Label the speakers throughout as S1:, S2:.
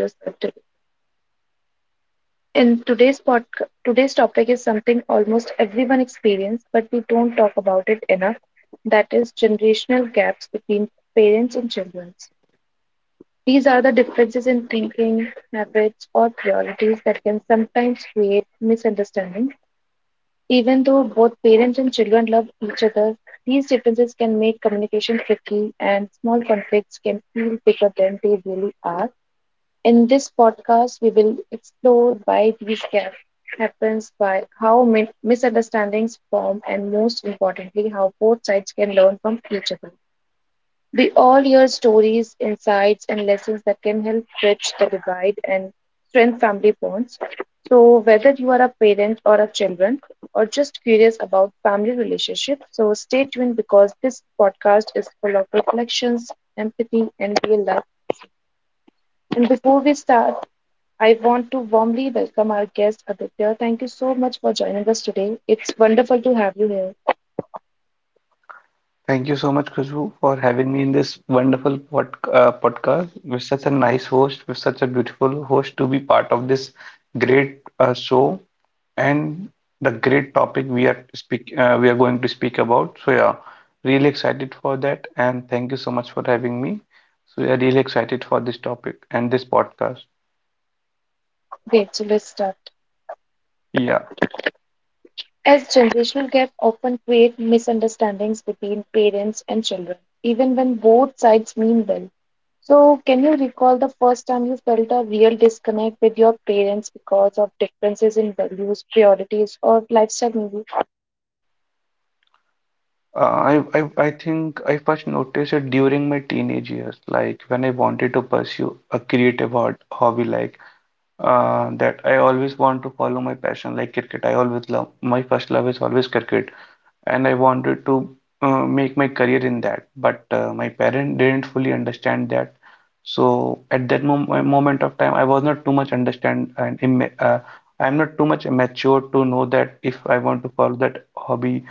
S1: Yourself. To. In today's podcast, today's topic is something almost everyone experiences, but we don't talk about it enough. That is generational gaps between parents and children. These are the differences in thinking, habits, or priorities that can sometimes create misunderstanding. Even though both parents and children love each other, these differences can make communication tricky and small conflicts can feel bigger than they really are. In this podcast, we will explore why these gaps happens, misunderstandings form, and most importantly, how both sides can learn from each other. We all hear stories, insights, and lessons that can help bridge the divide and strengthen family bonds. So, whether you are a parent or a children, or just curious about family relationships, so stay tuned because this podcast is full of reflections, empathy, and real life. And before we start, I want to warmly welcome our guest Aditya. Thank you so much for joining us today. It's wonderful to have you here.
S2: Thank you so much, Khushbu, for having me in this wonderful podcast with such a nice host, with such a beautiful host to be part of this great show and the great topic we are speak we are going to speak about. So, really excited for that, and thank you so much for having me. So yeah, really excited for this topic and this podcast.
S1: Great, so let's start.
S2: Yeah,
S1: As generational gap often create misunderstandings between parents and children, even when both sides mean well. So, can you recall the first time you felt a real disconnect with your parents because of differences in values, priorities, or lifestyle? Maybe?
S2: I think I first noticed it during my teenage years, like when I wanted to pursue a creative art hobby that I always want to follow my passion like cricket. I always love my first love is always cricket, and I wanted to make my career in that. But my parents didn't fully understand that. So at that moment of time, I was not too much understand and I'm not too much mature to know that if I want to follow that hobby,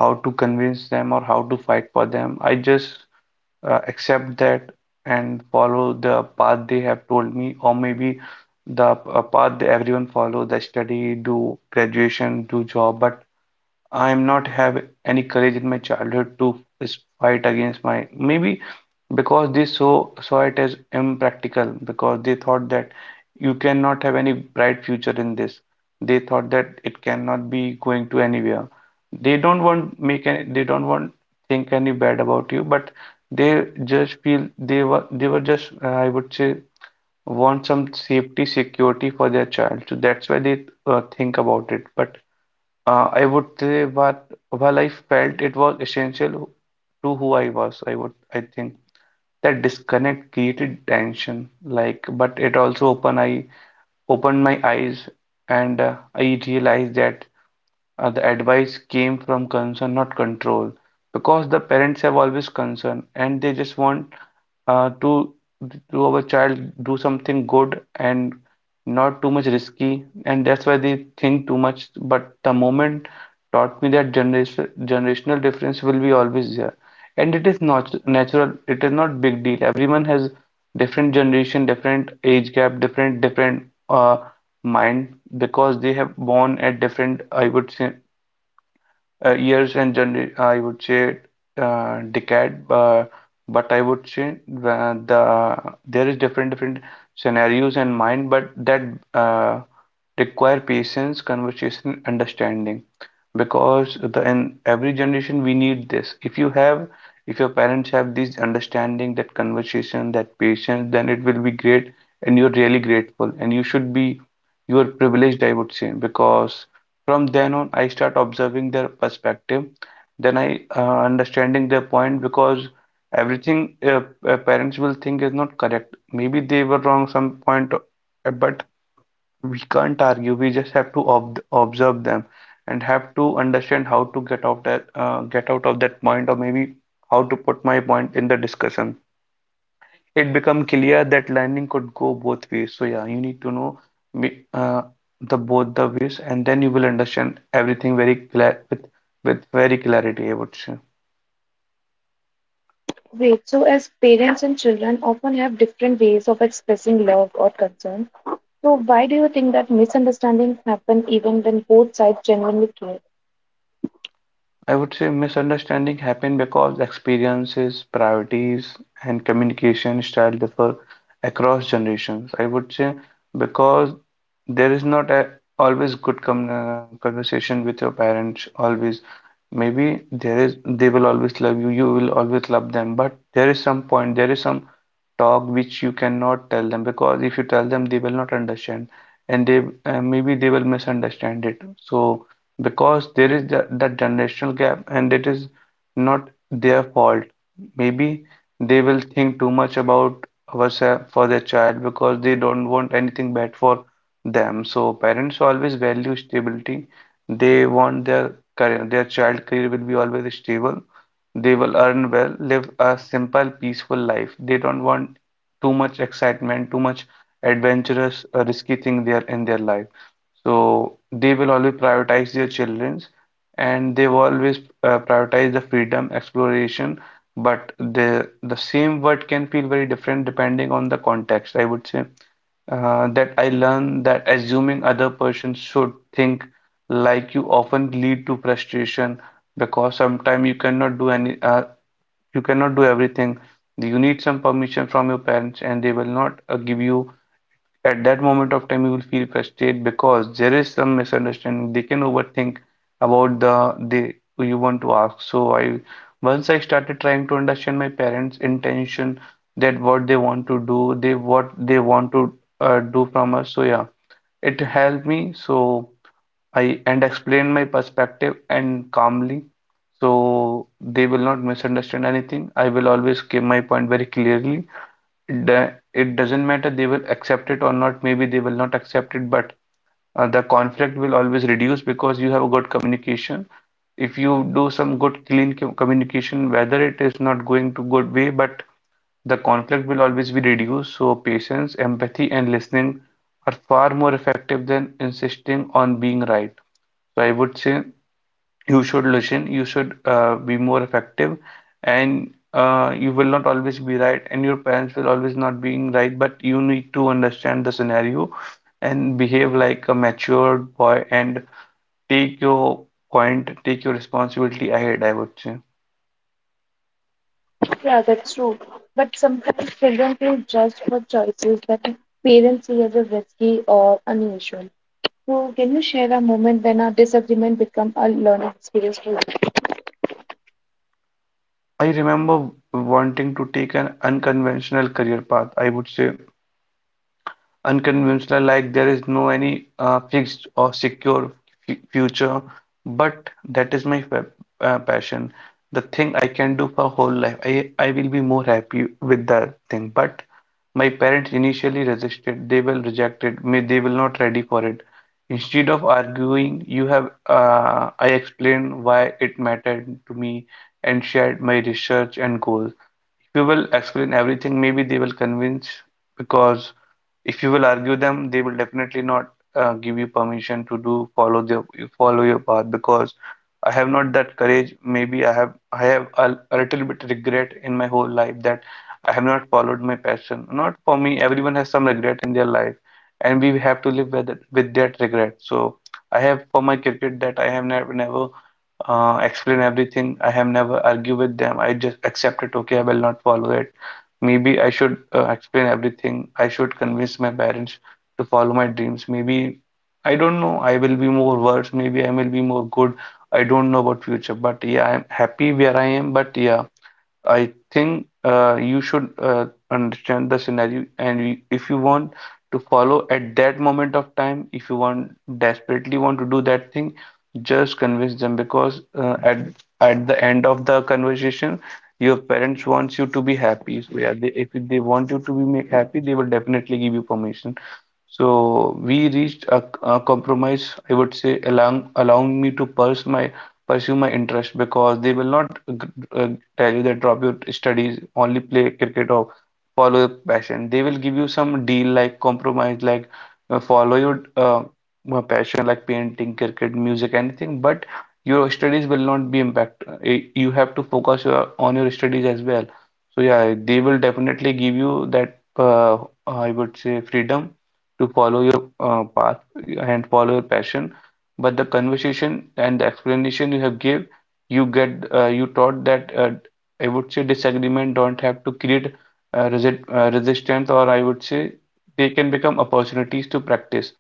S2: how to convince them or how to fight for them. I just accept that and follow the path they have told me, or maybe the path that everyone follow, the study, do graduation, do job. But I'm not have any courage in my childhood to fight against my maybe because they saw it as impractical because they thought that you cannot have any bright future in this, they thought that it cannot be going to anywhere. They don't want make any, they don't want think any bad about you, but they just feel they were just I would say want some safety security for their child. So that's why they think about it. But I would say what while I felt it was essential to who I was, I would I think that disconnect created tension, like, but it also opened my eyes. And I realized that the advice came from concern, not control, because the parents have always concern and they just want uh, to to our child do something good and not too much risky, and that's why they think too much. But the moment taught me that generational difference will be always there, and it is not natural. It is not big deal. Everyone has different generation, different age gap, different uh, mind because they have born at different, I would say, years and gener I would say decade, but I would say there is different scenarios in mind, but that uh, require patience, conversation, understanding, because the in every generation we need this. If you have, if your parents have this understanding, that conversation, that patience, then it will be great, and you're really grateful, and you should be, you are privileged, I would say, because from then on, I start observing their perspective, then I understanding their point because everything parents will think is not correct. Maybe they were wrong some point, but we can't argue. We just have to ob observe them and have to understand how to get out that, get out of that point, or maybe how to put my point in the discussion. It become clear that learning could go both ways. So yeah, you need to know uh, the both the ways, and then you will understand everything very clear with very clarity, I would say.
S1: Great. So, as parents and children often have different ways of expressing love or concern, so why do you think that misunderstandings happen even when both sides genuinely care?
S2: I would say misunderstanding happen because experiences, priorities, and communication style differ across generations. I would say because there is not a always good com conversation with your parents always. Maybe there is, they will always love you, you will always love them, but there is some point, there is some talk which you cannot tell them because if you tell them they will not understand and they maybe they will misunderstand it. So because there is that generational gap and it is not their fault. Maybe they will think too much about ourselves for their child because they don't want anything bad for them. So parents always value stability. They want their career, their child career will be always stable. They will earn well, live a simple, peaceful life. They don't want too much excitement, too much adventurous, risky thing there in their life. So they will always prioritize their children's, and they will always prioritize the freedom, exploration. But the same word can feel very different depending on the context. I would say that I learned that assuming other person should think like you often lead to frustration because sometimes you cannot do any you cannot do everything. You need some permission from your parents and they will not give you at that moment of time, you will feel frustrated because there is some misunderstanding. They can overthink about the they who you want to ask. So I once I started trying to understand my parents' intention, that what they want to do, they what they want to do from us. So yeah, it helped me. So I and explained my perspective and calmly. So they will not misunderstand anything. I will always give my point very clearly it doesn't matter they will accept it or not, maybe they will not accept it, but the conflict will always reduce because you have a good communication. If you do some good, clean communication, whether it is not going to good way, but the conflict will always be reduced. So patience, empathy, and listening are far more effective than insisting on being right. So I would say you should listen, you should be more effective, and you will not always be right and your parents will always not being right, but you need to understand the scenario and behave like a matured boy and take your point, take your responsibility ahead, I would say.
S1: Yeah, that's true. But sometimes children feel judged for choices that parents see as a risky or unusual. So, can you share a moment when a disagreement become a learning experience for you?
S2: I remember wanting to take an unconventional career path, I would say unconventional like there is no any fixed or secure future, but that is my passion, the thing I can do for whole life. I will be more happy with that thing, but my parents initially resisted, they will reject it, may they will not ready for it. Instead of arguing you have I explained why it mattered to me and shared my research and goals. If you will explain everything maybe they will convince, because if you will argue them, they will definitely not give you permission to do follow the follow your path because I have not that courage. Maybe I have a little bit regret in my whole life that I have not followed my passion. Not for me, everyone has some regret in their life, and we have to live with it, with that regret. So I have for my cricket that I have never explain everything. I have never argue with them. I just accept it. Okay, I will not follow it. Maybe I should explain everything. I should convince my parents to follow my dreams. Maybe I don't know. I will be more worse. Maybe I will be more good. I don't know about future. But yeah, I'm happy where I am. But yeah, I think you should understand the scenario, and if you want to follow at that moment of time, if you want desperately want to do that thing, just convince them because at the end of the conversation, your parents wants you to be happy. So yeah, they, if they want you to be make happy, they will definitely give you permission. So we reached a compromise, I would say, allowing me to pursue my interest because they will not tell you that drop your studies, only play cricket or follow your passion. They will give you some deal like compromise, like follow your passion like painting, cricket, music, anything. But your studies will not be impact. You have to focus your, on your studies as well. So yeah, they will definitely give you that I would say freedom to follow your path and follow your passion, but the conversation and the explanation you have give, you get you taught that I would say disagreement don't have to create resistance, or I would say they can become opportunities to practice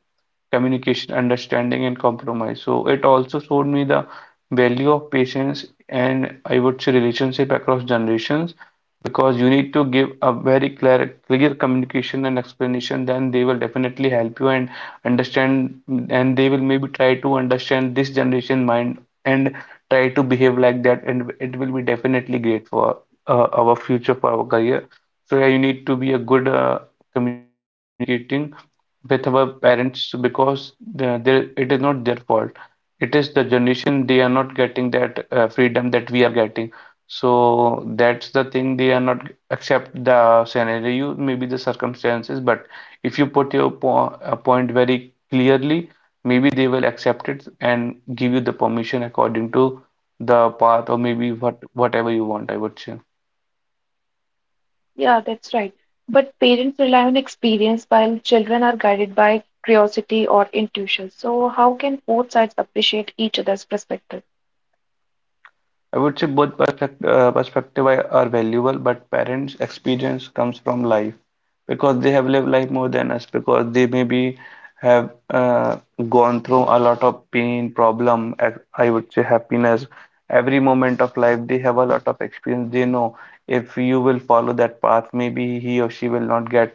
S2: communication, understanding, and compromise. So it also showed me the value of patience and, I would say, relationship across generations because you need to give a very clear, clear communication and explanation, then they will definitely help you and understand, and they will maybe try to understand this generation mind and try to behave like that, and it will be definitely great for our future, for our career. So yeah, you need to be a good communicating with our parents so because the- they, it is not their fault. It is the generation they are not getting that freedom that we are getting. So that's the thing they are not accept the scenario, maybe the circumstances. But if you put your po point very clearly, maybe they will accept it and give you the permission according to the path or maybe whatever you want, I would say.
S1: Yeah, that's right. But parents rely on experience while children are guided by curiosity or intuition. So, how can both sides appreciate each other's perspective?
S2: I would say both perspective, perspective are valuable, but parents' experience comes from life because they have lived life more than us because they maybe have gone through a lot of pain, problem, I would say happiness. Every moment of life, they have a lot of experience. They know if you will follow that path, maybe he or she will not get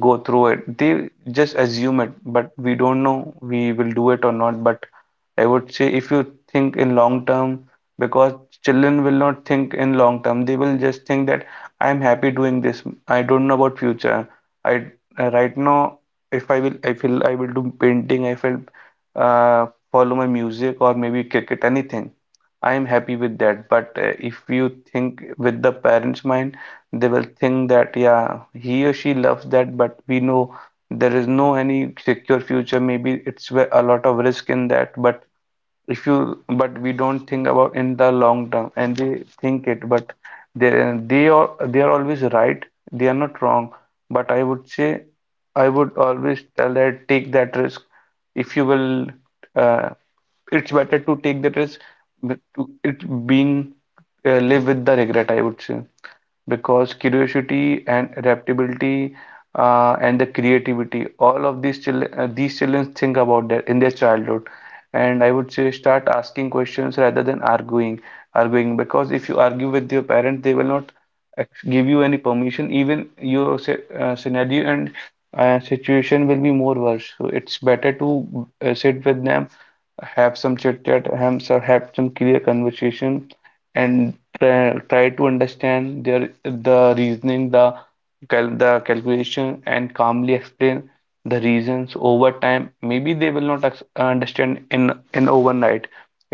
S2: go through it. They just assume it, but we don't know we will do it or not. But I would say if you think in long term because children will not think in long term. They will just think that I am happy doing this. I don't know about future. I Right now, if I will, I feel I will do painting. I will uh, follow my music or maybe cricket, anything. I am happy with that. But if you think with the parents' mind, they will think that yeah, he or she loves that, but we know there is no any secure future. Maybe it's where a lot of risk in that, but if you but we don't think about in the long term and they think it but they they are always right. They are not wrong, but I would say I would always tell that take that risk. If you will uh, it's better to take the risk but to it being live with the regret, I would say, because curiosity and adaptability and the creativity, all of these children think about that in their childhood. And I would say start asking questions rather than arguing, because if you argue with your parents they will not give you any permission, even your scenario and situation will be more worse. So it's better to sit with them, have some chit chat, have some clear conversation, and try to understand the reasoning, the cal the calculation, and calmly explain the reasons over time. Maybe they will not understand in overnight.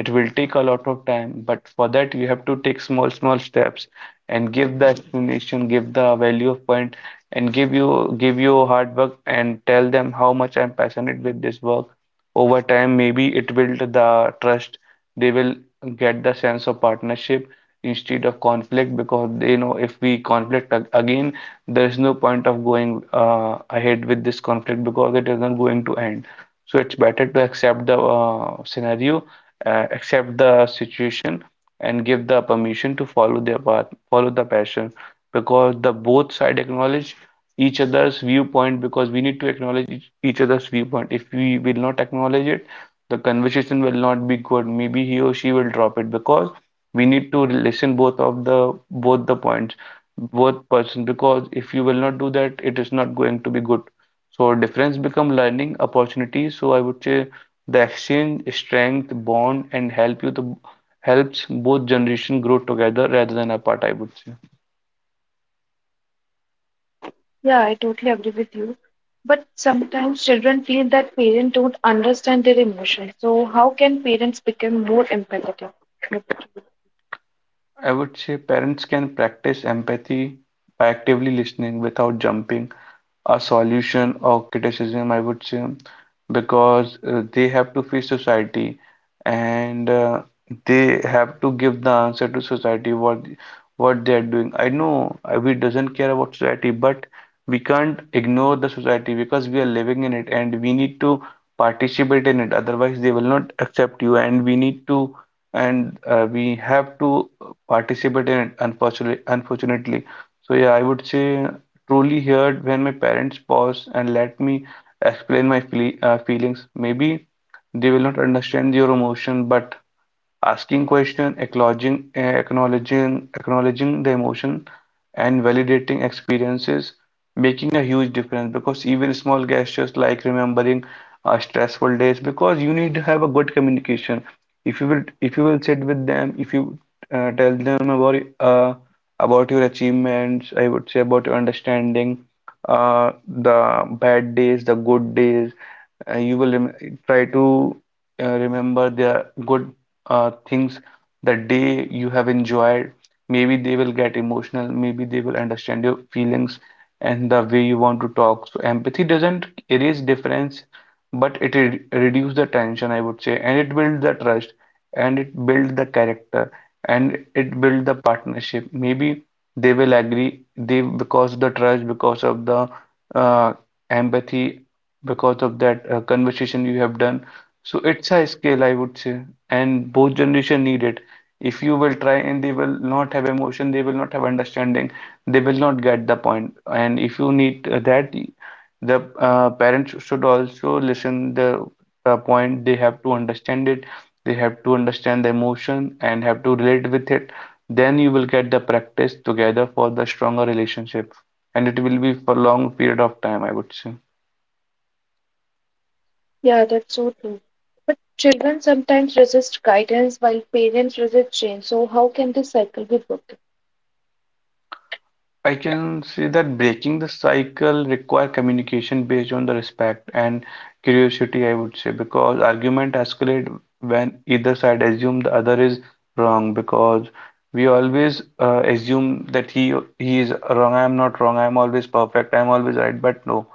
S2: It will take a lot of time, but for that you have to take small small steps and give the explanation, give the value of point, and give you hard work and tell them how much I'm passionate with this work. Over time maybe it build the trust. They will get the sense of partnership instead of conflict, because they know if we conflict again there is no point of going ahead with this conflict because it isn't going to end. So it's better to accept the scenario, accept the situation and give the permission to follow their path, follow the passion, because the both side acknowledge each other's viewpoint. Because we need to acknowledge each other's viewpoint. If we will not acknowledge it, the conversation will not be good. Maybe he or she will drop it, because we need to listen both of the both the points, both person. Because if you will not do that, it is not going to be good. So difference become learning opportunities. So I would say the exchange, strength, bond, and help you to helps both generation grow together rather than apart, I would say.
S1: Yeah, I totally agree with you. But sometimes children feel that parents don't understand their emotions. So how can parents become more empathetic?
S2: I would say parents can practice empathy by actively listening without jumping a solution or criticism, I would say, because they have to face society and they have to give the answer to society what they are doing. I know we doesn't care about society, but we can't ignore the society because we are living in it and we need to participate in it. Otherwise, they will not accept you, and we have to participate in it. Unfortunately. So yeah, I would say truly heard when my parents pause and let me explain my feelings. Maybe they will not understand your emotion, but asking question, acknowledging the emotion, and validating experiences, making a huge difference. Because even small gestures like remembering stressful days, because you need to have a good communication. If you will sit with them, if you tell them about your achievements, I would say about your understanding, the bad days, the good days, you will try to remember their good things that they you have enjoyed. Maybe they will get emotional, maybe they will understand your feelings and the way you want to talk. So empathy doesn't erase difference, but it re reduce the tension, I would say, and it builds the trust, and it builds the character, and it builds the partnership. Maybe they will agree they because the trust because of the uh, empathy, because of that conversation you have done. So it's a skill, I would say, and both generation need it. If you will try and they will not have emotion, they will not have understanding, they will not get the point. And if you need that, the parents should also listen the point. They have to understand it. They have to understand the emotion and have to relate with it. Then you will get the practice together for the stronger relationship, and it will be for long period of time, I would say.
S1: Yeah, that's so true. But children sometimes resist guidance while parents resist change. So how can this cycle be broken?
S2: I can say that breaking the cycle require communication based on the respect and curiosity, I would say, because argument escalate when either side assume the other is wrong. Because we always assume that he is wrong, I am not wrong, I am always perfect, I am always right, but no,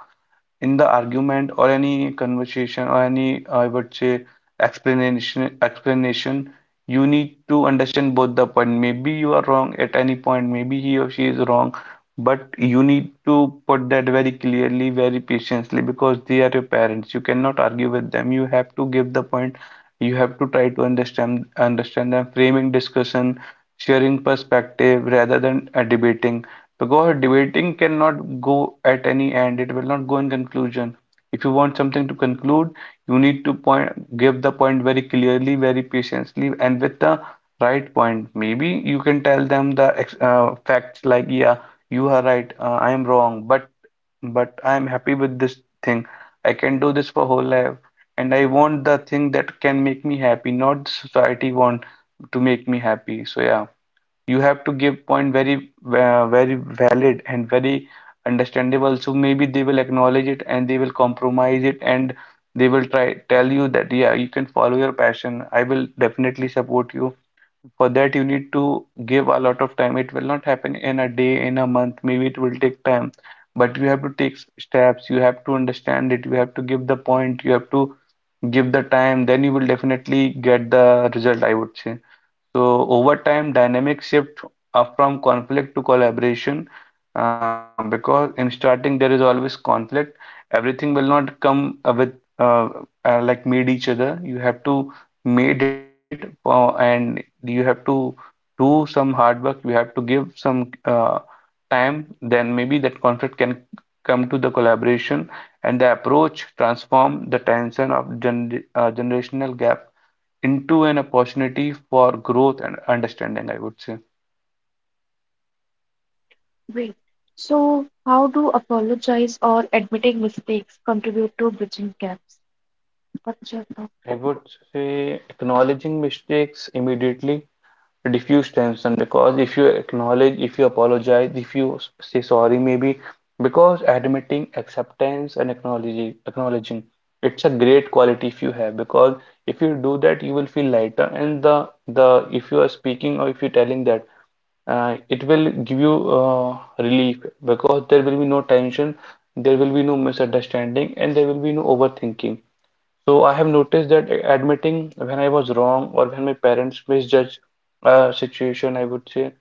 S2: in the argument or any conversation or any I would say explanation, you need to understand both the point. Maybe you are wrong at any point, maybe he or she is wrong, but you need to put that very clearly, very patiently, because they are your parents, you cannot argue with them, you have to give the point. You have to try to understand them, framing discussion, sharing perspective rather than debating, because debating cannot go at any end, it will not go in conclusion. If you want something to conclude, you need to point, give the point very clearly, very patiently, and with the right point. Maybe you can tell them the facts like, yeah, you are right, I am wrong, but I am happy with this thing. I can do this for whole life, and I want the thing that can make me happy, not the society want to make me happy. So yeah, you have to give point very valid and very understandable, so maybe they will acknowledge it and they will compromise it, and they will try tell you that yeah, you can follow your passion, I will definitely support you. For that you need to give a lot of time, it will not happen in a day, in a month, maybe it will take time, but you have to take steps, you have to understand it, you have to give the point, you have to give the time, then you will definitely get the result, I would say. So over time, dynamic shift from conflict to collaboration, because in starting there is always conflict. Everything will not come with uh, like made each other. You have to made it and you have to do some hard work. You have to give some time. Then maybe that conflict can come to the collaboration, and the approach transform the tension of generational gap into an opportunity for growth and understanding, I would say.
S1: Wait. So how do apologize or admitting mistakes contribute to bridging gaps? What's your thought?
S2: I would say acknowledging mistakes immediately, diffuse tension, because if you acknowledge, if you apologize, if you say sorry, maybe because admitting acceptance and acknowledging, it's a great quality if you have. Because if you do that, you will feel lighter, and the if you are speaking or if you're telling that, it will give you relief, because there will be no tension, there will be no misunderstanding, and there will be no overthinking. So I have noticed that admitting when I was wrong or when my parents misjudge a situation, I would say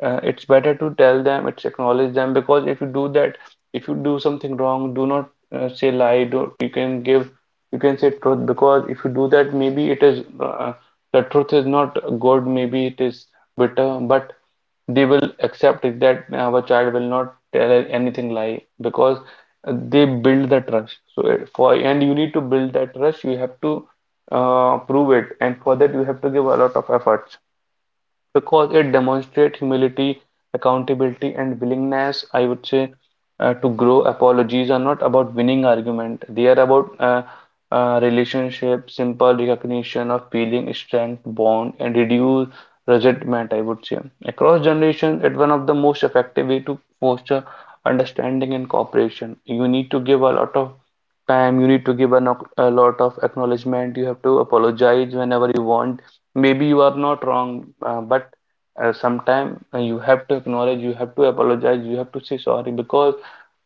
S2: it's better to tell them, it's acknowledge them, because if you do that, if you do something wrong, do not say lie. Do you can give, you can say truth because if you do that, maybe it is the truth is not good, maybe it is bitter, but they will accept it that our child will not tell anything lie because they build the trust so it- for and you need to build that trust. You have to prove it, and for that you have to give a lot of effort because it demonstrates humility, accountability, and willingness, I would say, to grow. Apologies are not about winning argument. They are about relationship, simple recognition of feeling, strength, bond, and reduce resentment, I would say. Across generations, it's one of the most effective way to foster understanding and cooperation. You need to give a lot of time, you need to give a, a lot of acknowledgement, you have to apologize whenever you want. Maybe you are not wrong, but sometime you have to acknowledge, you have to apologize, you have to say sorry because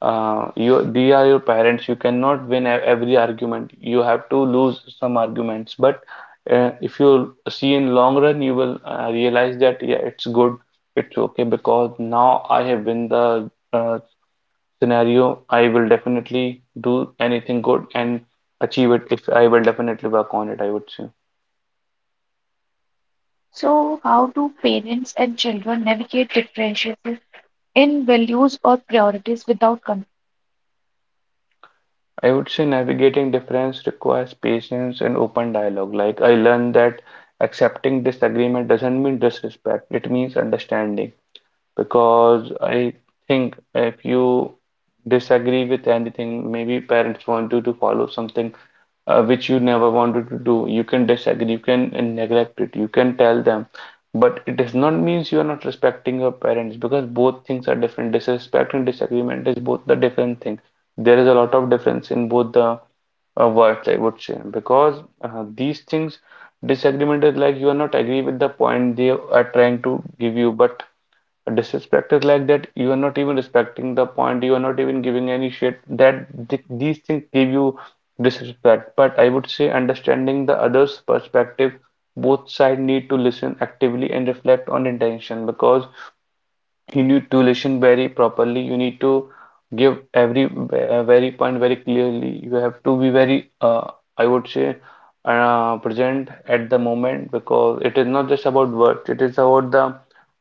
S2: you they are your parents. You cannot win every argument. You have to lose some arguments. But if you see in long run, you will realize that yeah, it's good, it's okay because now I have win the scenario. I will definitely do anything good and achieve it if I will definitely work on it, I would say.
S1: So how do parents and children navigate differences in values or priorities without conflict?
S2: I would say navigating difference requires patience and open dialogue. Like I learned that accepting disagreement doesn't mean disrespect, it means understanding. Because I think if you disagree with anything, maybe parents want you to follow something which you never wanted to do. You can disagree, you can neglect it, you can tell them, but it does not means you are not respecting your parents because both things are different. Disrespect and disagreement is both the different thing. There is a lot of difference in both the words, I would say, because these things disagreement is like you are not agree with the point they are trying to give you, but a disrespect is like that you are not even respecting the point, you are not even giving any shit. That th these things give you disrespect. But I would say understanding the other's perspective, both side need to listen actively and reflect on intention. Because you need to listen very properly, you need to give every very point very clearly, you have to be very I would say present at the moment because it is not just about words, it is about the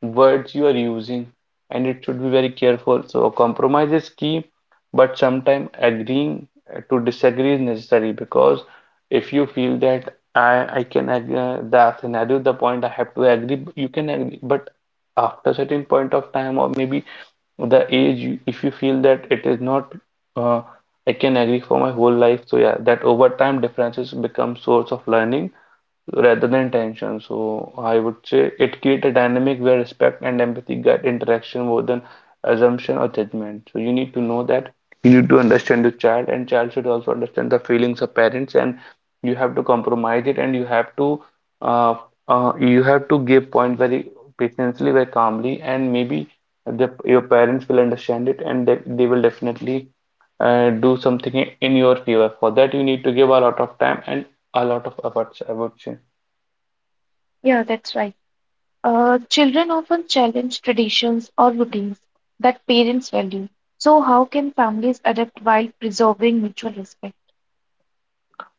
S2: words you are using and it should be very careful. So compromise is key, but sometimes agreeing to disagree is necessary because if you feel that I can agree, the scenario, the point I have to agree, you can agree, but after certain point of time or maybe the age. If you feel that it is not uh, I can agree for my whole life. So yeah, that over time differences become source of learning rather than tension. So I would say it creates a dynamic where respect and empathy guide interaction more than assumption or judgment. So you need to know that you need to understand the child, and child should also understand the feelings of parents, and you have to compromise it, and uh, you have to give point very patiently, very calmly, and maybe your parents will understand it, and they will definitely do something in your favor. For that, you need to give a lot of time and a lot of efforts, I would say.
S1: Yeah, that's right. Children often challenge traditions or routines that parents value. So, how can families adapt while preserving mutual respect?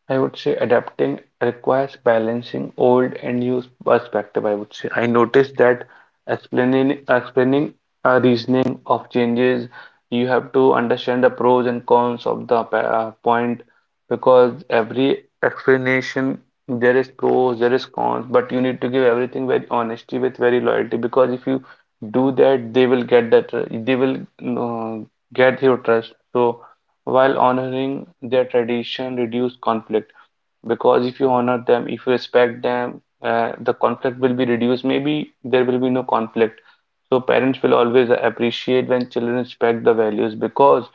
S2: I would say adapting requires balancing old and new perspective. I would say I noticed that explaining a reasoning of changes, you have to understand the pros and cons of the point because every explanation there is pros, there is cons, but you need to give everything very honesty with very loyalty because if you do that, they will get that they will uh, get your trust. So while honoring their tradition reduce conflict. Because if you honor them, if you respect them, the conflict will be reduced, maybe there will be no conflict. So parents will always appreciate when children respect the values because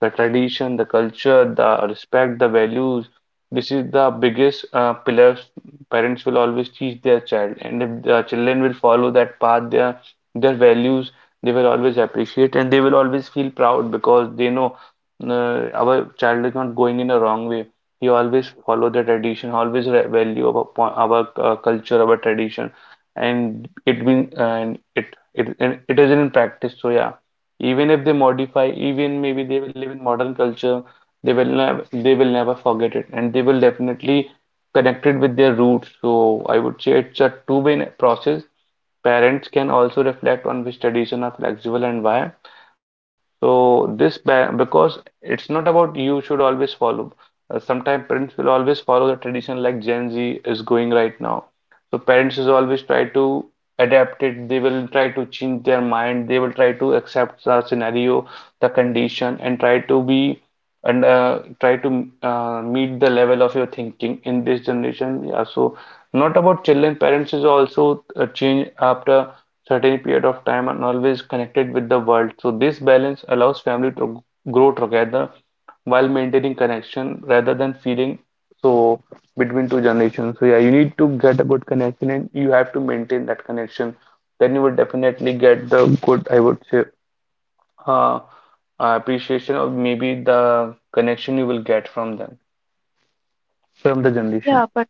S2: the tradition, the culture, the respect, the values, this is the biggest pillars parents will always teach their child. And if the children will follow that path, their values, they will always appreciate and they will always feel proud because they know our child is not going in a wrong way. He always follow the tradition, always value our, our culture, our tradition, and it been and it and it is in practice. So yeah, even if they modify, even maybe they will live in modern culture, they will never forget it, and they will definitely connect it with their roots. So I would say it's a two-way process. Parents can also reflect on which tradition are flexible and why. So because it's not about you should always follow. Sometimes parents will always follow the tradition like Gen Z is going right now. So parents is always try to adapt it. They will try to change their mind. They will try to accept the scenario, the condition, and try to be and try to meet the level of your thinking in this generation. Yeah. So not about children. Parents is also change after certain period of time and always connected with the world. So this balance allows family to grow together while maintaining connection rather than feeling so between two generations. So yeah, you need to get a good connection and you have to maintain that connection. Then you will definitely get the good, I would say, uh, appreciation or maybe the connection you will get from them, from the generation.
S1: Yeah, but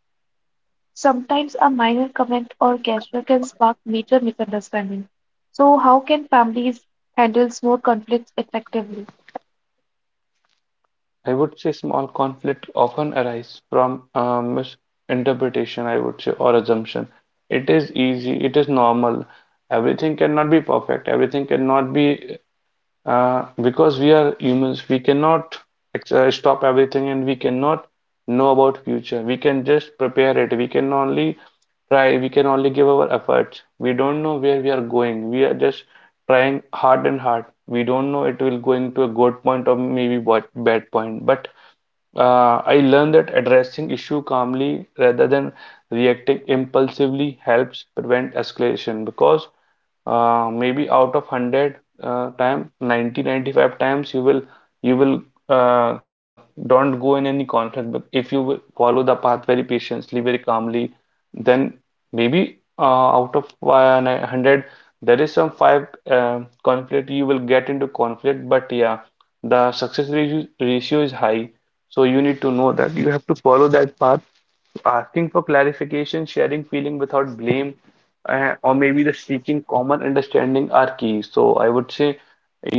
S1: sometimes a minor comment or gesture can spark major misunderstanding. So, how can families handle small conflicts effectively?
S2: I would say small conflict often arise from misinterpretation, I would say, or assumption. It is easy, it is normal. Everything cannot be perfect, everything cannot be because we are humans, we cannot stop everything and we cannot know about future. We can just prepare it. We can only try. We can only give our efforts. We don't know where we are going. We are just trying hard and hard. We don't know it will going to a good point or maybe what bad point. But I learned that addressing issue calmly rather than reacting impulsively helps prevent escalation because maybe out of 100 time ninety ninety five times you will uh, don't go in any conflict. But if you will follow the path very patiently, very calmly, then maybe out of 100, there is some five conflict, you will get into conflict. But yeah, the success ratio is high. So you need to know that you have to follow that path, asking for clarification, sharing feeling without blame or maybe the seeking common understanding are key. So I would say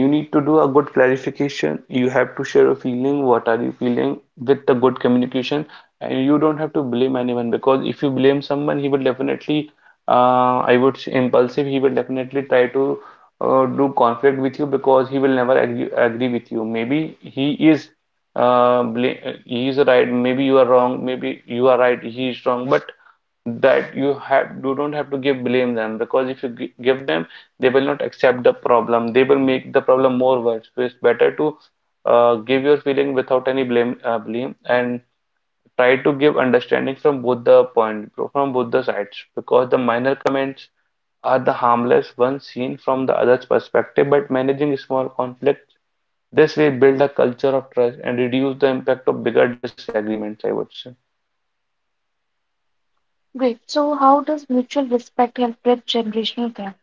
S2: you need to do a good clarification. You have to share a feeling. What are you feeling with the good communication? And you don't have to blame anyone because if you blame someone, he will definitely, I would say, impulsive. He will definitely try to do conflict with you because he will never agree with you. Maybe he is he is right. Maybe you are wrong. Maybe you are right. He is wrong. But that you have you don't have to give blame them. Because if you give them, they will not accept the problem, they will make the problem more worse. So it's better to give your feeling without any blame and try to give understanding from both the point, from both the sides, because the minor comments are the harmless ones seen from the other's perspective. But managing small conflicts this way build a culture of trust and reduce the impact of bigger disagreements, I would say.
S1: Great. So, how does mutual respect help bridge generational gaps?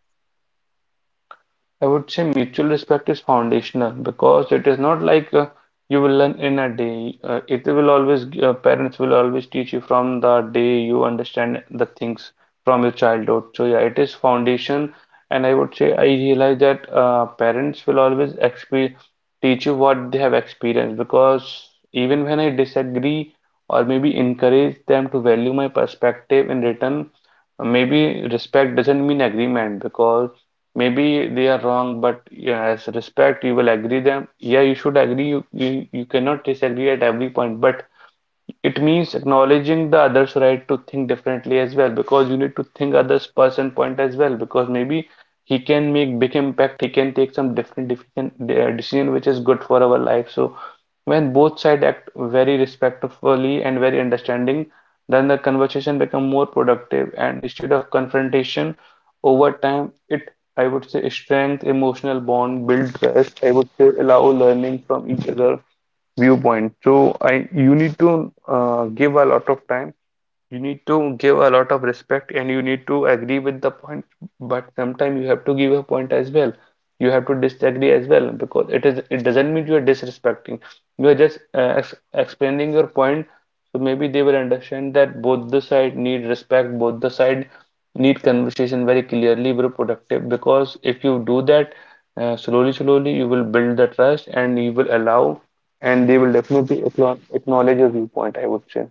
S2: I would say mutual respect is foundational because it is not like you will learn in a day. Parents will always teach you from the day you understand the things from your childhood. So yeah, it is foundation. And I would say I realize that parents will always exp teach you what they have experienced. Because even when I disagree or maybe encourage them to value my perspective in return, maybe respect doesn't mean agreement. Because maybe they are wrong, but yeah, as respect, you will agree them. Yeah, you should agree. You cannot disagree at every point, but it means acknowledging the other's right to think differently as well, because you need to think others' person point as well, because maybe he can make big impact, he can take some different decision which is good for our life. So when both sides act very respectfully and very understanding, then the conversation become more productive and instead of confrontation over time, it I would say strength, emotional bond, build trust. I would say allow learning from each other viewpoint. So I you need to give a lot of time, you need to give a lot of respect, and you need to agree with the point, but sometimes you have to give a point as well. You have to disagree as well because it is it doesn't mean you are disrespecting. You are just ex explaining your point, so maybe they will understand that both the side need respect, both the side need conversation very clearly, very productive. Because if you do that slowly, slowly, you will build the trust and you will allow, and they will definitely acknowledge your viewpoint, I would say.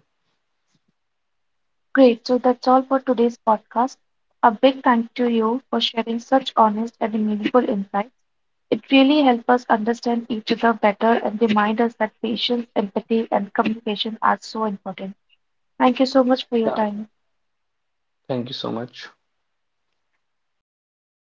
S1: Great. So, that's all for today's podcast. A big thank to you for sharing such honest and meaningful insights. It really helps us understand each other better and remind us that patience, empathy, and communication are so important. Thank you so much for your
S2: Yeah.
S1: time.
S2: Thank you so much.